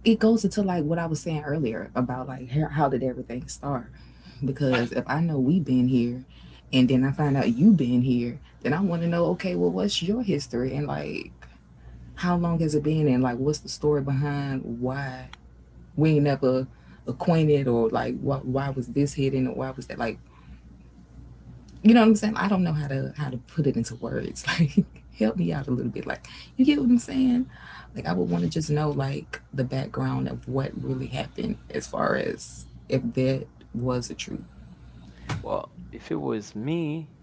S2: it goes into like what I was saying earlier about like how, how did everything start? Because if I know we been here, and then I find out you been here, then I want to know, okay, well, what's your history, and like how long has it been, and like what's the story behind why we ain't never acquainted, or like why why was this hidden, or why was that, like, you know what I'm saying? I don't know how to how to put it into words. Like help me out a little bit. Like, you get what I'm saying? Like I would want to just know like the background of what really happened, as far as if that was a truth.
S1: Well, if it was me,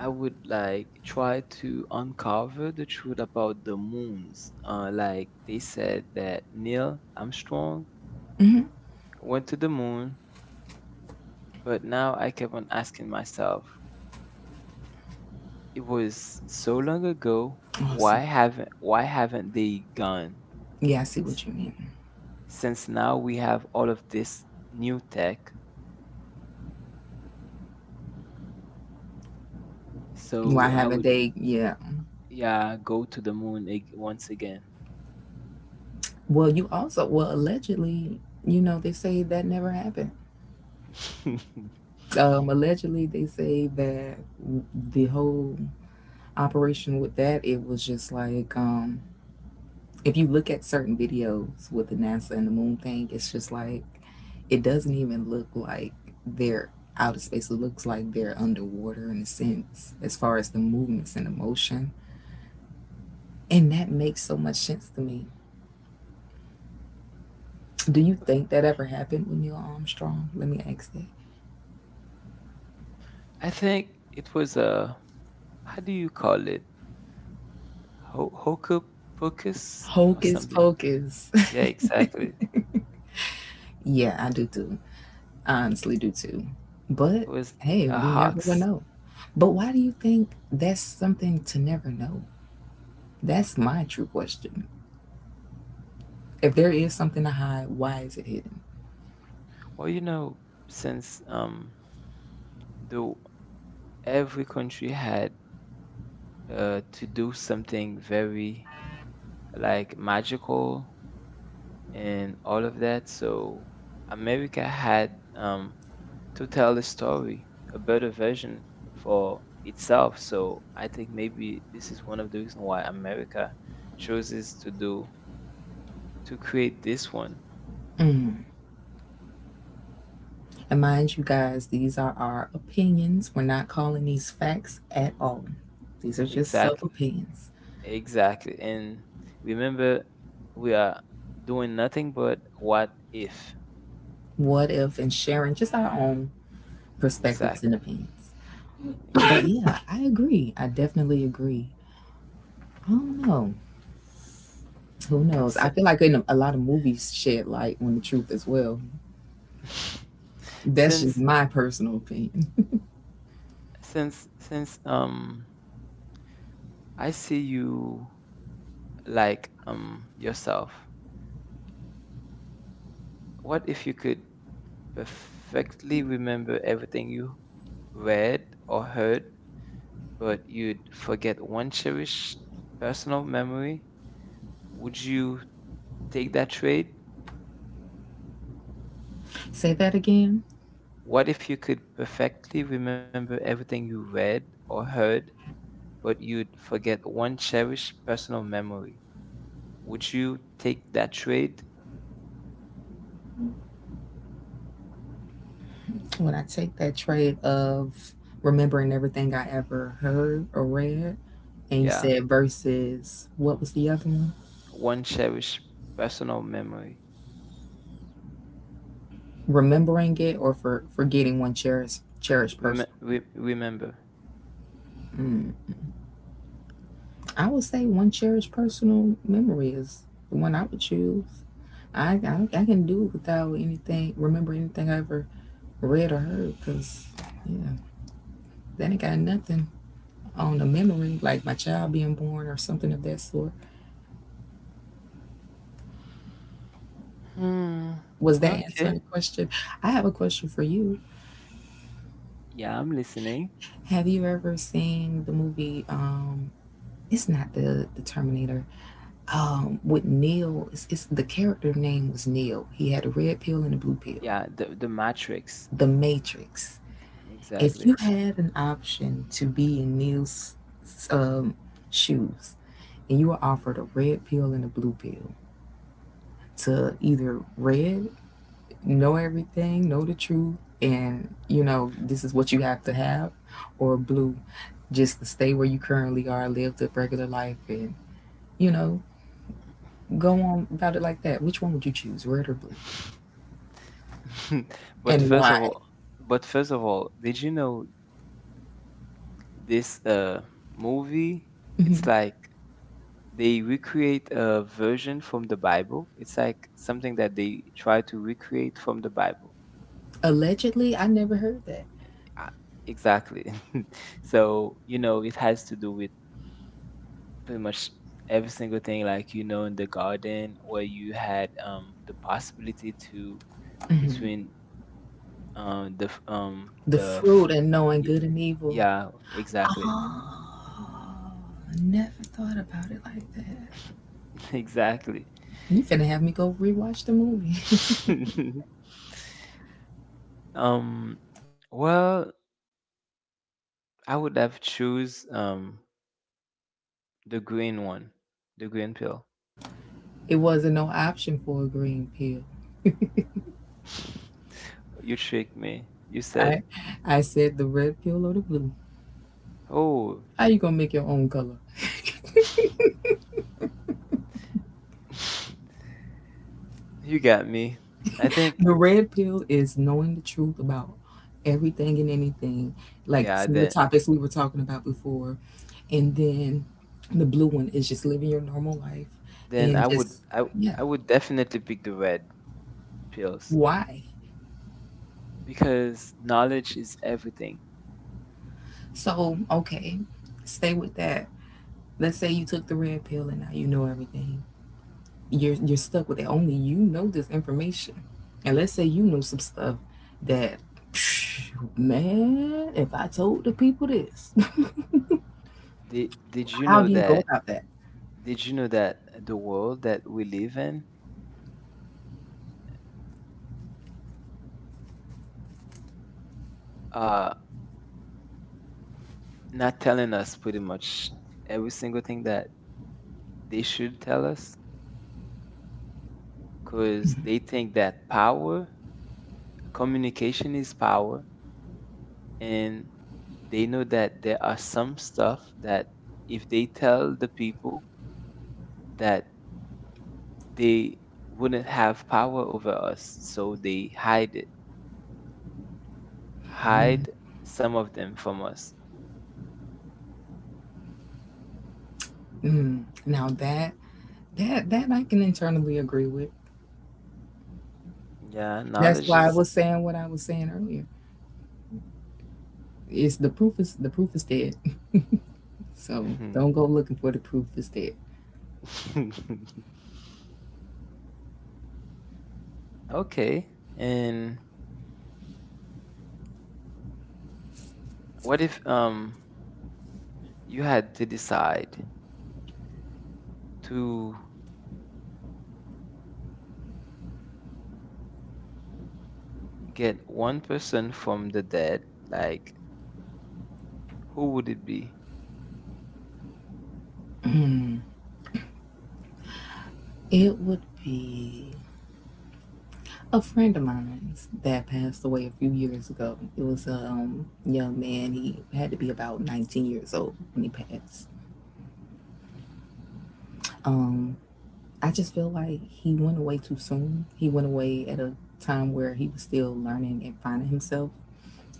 S1: I would like try to uncover the truth about the moons. Uh, like they said that Neil Armstrong went to the moon, but now I kept on asking myself, it was so long ago.
S2: Oh, I
S1: Why
S2: see.
S1: haven't why haven't they gone?
S2: Yeah, I see
S1: S-
S2: what you mean.
S1: Since now we have all of this new tech,
S2: Why
S1: so I
S2: have a
S1: would
S2: date? Yeah.
S1: yeah go to the moon ag- once again.
S2: Well, you also, well allegedly, you know, they say that never happened. Um, allegedly, they say that w- the whole operation with that, it was just like, um if you look at certain videos with the NASA and the moon thing, it's just like, it doesn't even look like they're out of space. It looks like they're underwater in a sense, as far as the movements and the motion. And that makes so much sense to me. Do you think that ever happened with Neil Armstrong? Let me ask that.
S1: I think it was a how do you call it? Ho hoku pokus or
S2: Hocus
S1: something?
S2: pocus.
S1: Yeah, exactly.
S2: Yeah, I do too. I honestly do too. But
S1: It was
S2: hey,
S1: a
S2: we never will
S1: hoax.
S2: know. But why do you think that's something to never know? That's my true question. If there is something to hide, why is it hidden?
S1: Well, you know, since um, though every country had uh, to do something very like magical and all of that, so America had um, to tell the story, a better version for itself. So I think maybe this is one of the reasons why America chooses to do to create this one.
S2: Mm. And mind you guys, these are our opinions. We're not calling these facts at all. These are just self
S1: Exactly,
S2: opinions.
S1: exactly. And remember, we are doing nothing but what if.
S2: What if, and sharing just our own perspectives
S1: Exactly,
S2: and opinions. But
S1: exactly.
S2: yeah, I agree. I definitely agree. I don't know. Who knows? I
S1: Si-
S2: feel like in a, a lot of movies shed light on the truth as well. That's just
S1: Since
S2: my personal opinion.
S1: since since um I see you like um yourself. What if you could perfectly remember everything you read or heard, but you'd forget one cherished personal memory? Would you take that trade?
S2: Say that again.
S1: What if you could perfectly remember everything you read or heard, but you'd forget one cherished personal memory? Would you take that trade?
S2: When I take that trade of remembering everything I ever heard or read, and you
S1: Yeah,
S2: said versus what was the other one?
S1: one cherished personal memory.
S2: Remembering it or for forgetting one cherished cherished person.
S1: Rem- re- remember.
S2: I would say one cherished personal memory is the one I would choose. I I, I can do it without anything remember anything I ever read or heard because yeah, that ain't got nothing on the memory like my child being born or something of that sort.
S1: Hmm.
S2: Was that answering
S1: Okay.
S2: the question? I have a question for you.
S1: Yeah, I'm listening.
S2: Have you ever seen the movie? Um, it's not the the Terminator. Um, with Neil, it's, it's the character name was Neil. He had a red pill and a blue pill.
S1: Yeah, the the Matrix.
S2: The Matrix. If
S1: Exactly.
S2: you had an option to be in Neil's um, shoes, and you were offered a red pill and a blue pill to either red know everything, know the truth, and you know, this is what you have to have, or blue, just to stay where you currently are, live the regular life, and you know, go on about it like that. Which one would you choose, red or blue,
S1: but
S2: and
S1: first
S2: why?
S1: of all, but first of all, did you know this uh movie? It's like they recreate a version from the Bible. It's like something that they try to recreate from the Bible.
S2: Allegedly, I never heard that.
S1: Ah, exactly. So, you know, it has to do with pretty much every single thing, like, you know, in the garden where you had um, the possibility to between um, the f- um,
S2: The
S1: the f-
S2: fruit and knowing
S1: y-
S2: good and evil.
S1: yeah, exactly.
S2: Oh, never thought about it like that.
S1: Exactly.
S2: You finna have me go rewatch the movie.
S1: um, well, I would have choose um the green one. The green pill.
S2: It wasn't no option for a green pill.
S1: you tricked me. You said,
S2: I, I said the red pill or the blue.
S1: "Oh,
S2: How you gonna make your own color?
S1: you got me." I think
S2: The red pill is knowing the truth about everything and anything, like
S1: yeah,
S2: some of the
S1: then
S2: topics we were talking about before. And then the blue one is just living your normal life
S1: then
S2: and
S1: I would
S2: just,
S1: I,
S2: yeah,
S1: I would definitely pick the red pills
S2: why?
S1: because knowledge is everything.
S2: So, okay, stay with that. Let's say you took the red pill and now you know everything. You're you're stuck with it. Only you know this information. And let's say you know some stuff that man, if I told the people this
S1: Did did you
S2: How
S1: know
S2: do you go
S1: that
S2: about that?
S1: did you know that the world that we live in uh not telling us pretty much every single thing that they should tell us because they think that power communication is power and they know that there are some stuff that if they tell the people that they wouldn't have power over us so they hide it
S2: Mm,
S1: hide some of them from us
S2: mm. Now that that that I can internally agree with.
S1: yeah
S2: That's
S1: knowledge
S2: why I
S1: is
S2: was saying what I was saying earlier. It's the proof is the proof is dead. So don't go looking for the proof is dead.
S1: okay and what if um you had to decide to get one person from the dead, like, who would it be?
S2: It would be a friend of mine's that passed away a few years ago. It was a um, young man. He had to be about nineteen years old when he passed. Um, I just feel like he went away too soon. He went away at a time where he was still learning and finding himself.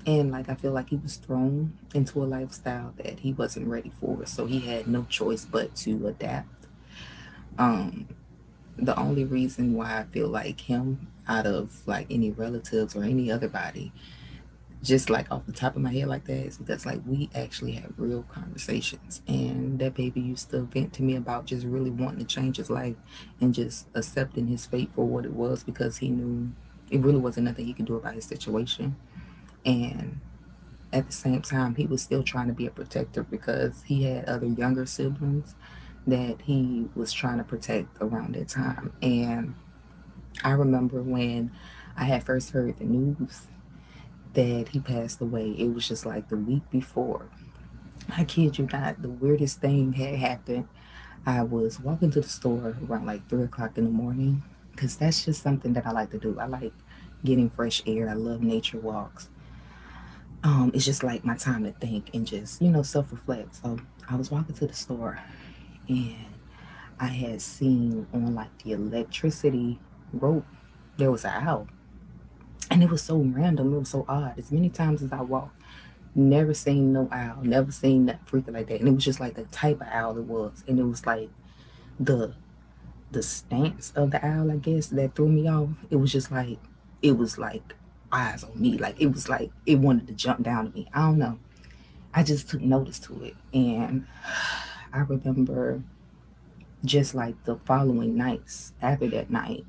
S2: And like I feel like he was thrown into a lifestyle that he wasn't ready for. So he had no choice but to adapt. Um, the only reason why I feel like him out of like any relatives or any other body, just like off the top of my head like that, is because like we actually had real conversations. And that baby used to vent to me about just really wanting to change his life and just accepting his fate for what it was because he knew it really wasn't nothing he could do about his situation. And at the same time, he was still trying to be a protector because he had other younger siblings that he was trying to protect around that time. And I remember when I had first heard the news that he passed away, it was just like the week before. I kid you not, the weirdest thing had happened. I was walking to the store around like three o'clock in the morning because that's just something that I like to do. I like getting fresh air, I love nature walks. Um, it's just like my time to think and just, you know, self reflect. So I was walking to the store and I had seen on like the electricity rope, there was an owl. And it was so random, it was so odd. As many times as I walked, never seen no owl, never seen nothing freaking like that. And it was just like the type of owl it was. And it was like the the stance of the owl, I guess, that threw me off. It was just like it was like eyes on me. Like it was like it wanted to jump down to me. I don't know. I just took notice to it. And I remember just like the following nights after that night,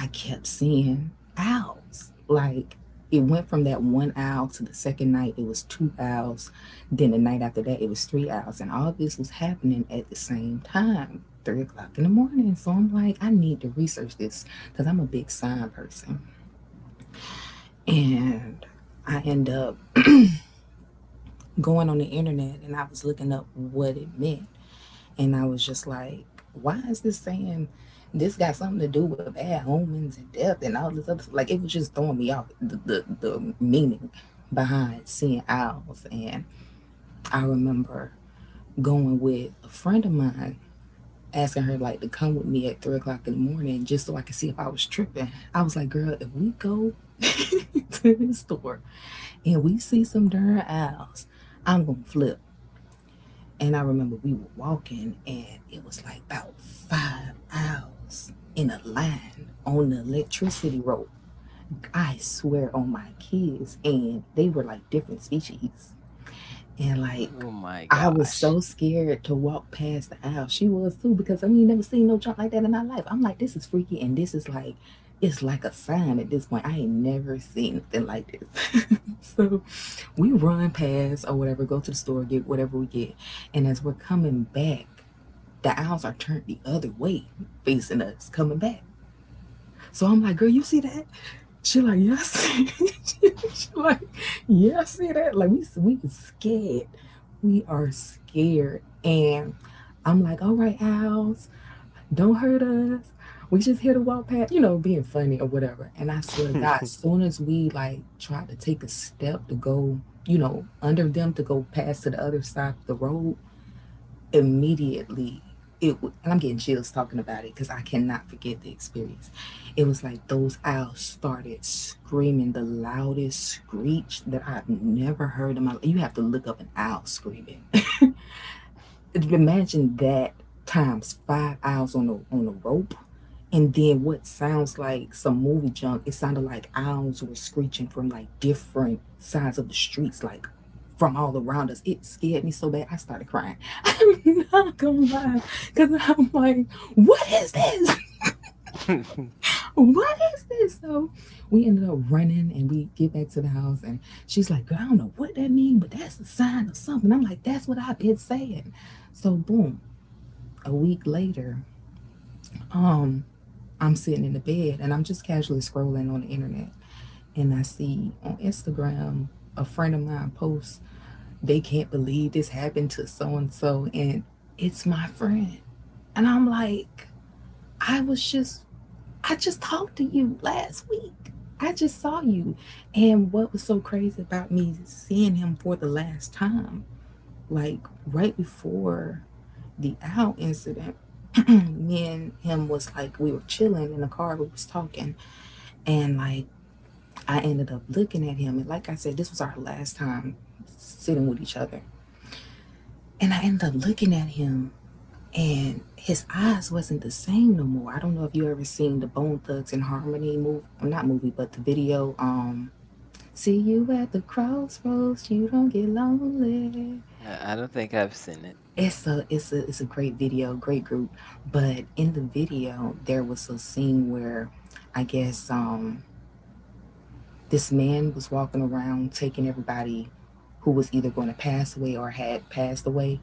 S2: I kept seeing owls. Like it went from that one owl to the second night, it was two owls. Then the night after that, it was three owls. And all this was happening at the same time, three o'clock in the morning. So I'm like, I need to research this because I'm a big sign person. And I end up going on the internet and I was looking up what it meant. And I was just like, why is this saying this got something to do with bad omens and death and all this other stuff? Like, it was just throwing me off the, the, the meaning behind seeing owls. And I remember going with a friend of mine, asking her, like, to come with me at three o'clock in the morning just so I could see if I was tripping. I was like, girl, if we go to the store and we see some darn owls, I'm going to flip. And I remember we were walking, and it was like about five hours in a line on the electricity rope. I swear on my kids, and they were like different species. And like,
S1: Oh my
S2: I was
S1: gosh.
S2: so scared to walk past the aisle. She was too, because I mean, never seen no junk like that in my life. I'm like, this is freaky, and this is like, it's like a sign at this point. I ain't never seen nothing like this. So we run past or whatever, go to the store, get whatever we get. And as we're coming back, the owls are turned the other way, facing us, coming back. So I'm like, girl, you see that? She like, yeah, I see it." She like, yeah, I see that. Like we we scared. We are scared. And I'm like, all right, owls don't hurt us. We just here to walk past, you know, being funny or whatever. And I swear to
S1: I
S2: God, soon as we like tried to take a step to go, you know, under them to go past to the other side of the road, immediately it w- and I'm getting chills talking about it because I cannot forget the experience. It was like those owls started screaming the loudest screech that I've never heard in my life. You have to look up an owl screaming. Imagine that times five owls on a on a rope and then what sounds like some movie junk, it sounded like owls were screeching from like different sides of the streets, like from all around us. It scared me so bad, I started crying. I'm not gonna lie, because I'm like, what is this? What is this? So we ended up running and we get back to the house, and she's like, girl, I don't know what that means, but that's a sign of something. I'm like, that's what I've been saying. So, boom, a week later, um, I'm sitting in the bed and I'm just casually scrolling on the internet and I see on Instagram a friend of mine posts, they can't believe this happened to so and so, and it's my friend. And I'm like, I was just, I just talked to you last week. I just saw you. And what was so crazy about me seeing him for the last time, like right before the owl incident, me and him was like, we were chilling in the car, we was talking, and like, I ended up looking at him. And like I said, this was our last time sitting with each other. And I ended up looking at him, and his eyes wasn't the same no more. I don't know if you ever seen the Bone Thugs and Harmony movie, not movie, but the video. Um, See you at the crossroads, you don't get lonely.
S1: I don't think I've seen it.
S2: It's a it's a it's a great video, great group. But in the video, there was a scene where, I guess, um, this man was walking around taking everybody who was either going to pass away or had passed away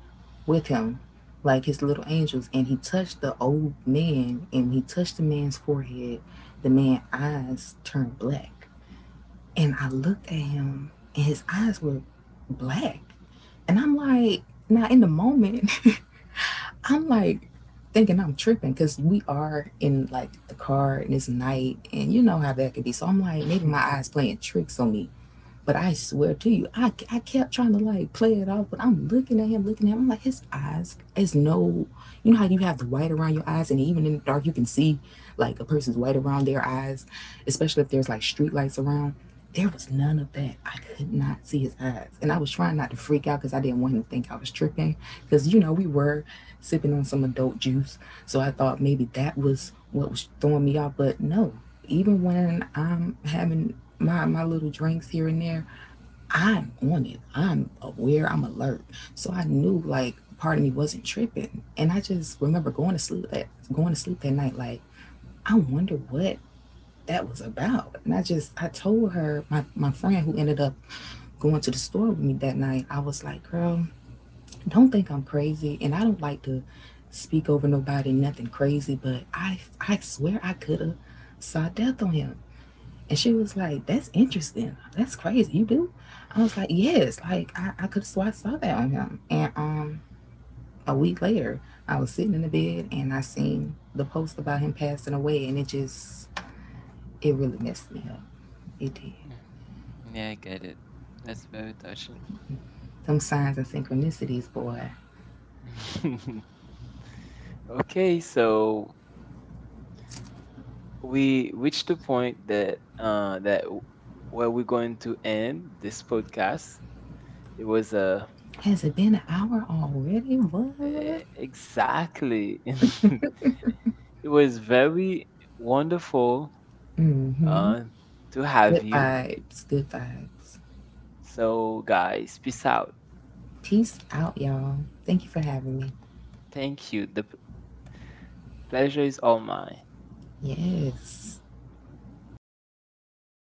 S2: with him, like his little angels. And he touched the old man and he touched the man's forehead. The man's eyes turned black. And I looked at him and his eyes were black. And I'm like, now in the moment, I'm like thinking I'm tripping because we are in like the car and it's night and you know how that could be. So I'm like, maybe my eyes playing tricks on me but I swear to you, I, I kept trying to like play it off, but I'm looking at him, looking at him. I'm like, his eyes is no, you know how you have the white around your eyes, and even in the dark, you can see like a person's white around their eyes, especially if there's like street lights around. There was none of that. I could not see his eyes. And I was trying not to freak out because I didn't want him to think I was tripping. Because, you know, we were sipping on some adult juice. So I thought maybe that was what was throwing me off. But no, even when I'm having my, my little drinks here and there, I'm on it. I'm aware. I'm alert. So I knew like part of me wasn't tripping, and I just remember going to sleep that going to sleep that night like I wonder what that was about. And I just, I told her, my, my friend who ended up going to the store with me that night, I was like, girl, don't think I'm crazy. And I don't like to speak over nobody, nothing crazy, but I, I swear I could have saw death on him. And she was like, that's interesting. That's crazy. You do? I was like, yes. Like, I, I could have swore I saw that on him. And um, a week later, I was sitting in the bed and I seen the post about him passing away and it just, it really messed me up. It did.
S1: Mm. Yeah, I get it. That's very touching.
S2: Them signs and synchronicities, boy.
S1: Okay, so we reached the point that uh that w- where we're going to end this podcast. It was a
S2: Has it been an hour already? What?
S1: e- exactly it was very wonderful
S2: Mm-hmm.
S1: uh to have
S2: Good
S1: you.
S2: vibes. Good vibes.
S1: So guys, peace out.
S2: Peace out, y'all. Thank you for having me.
S1: Thank you. The p- pleasure is all mine.
S2: Yes.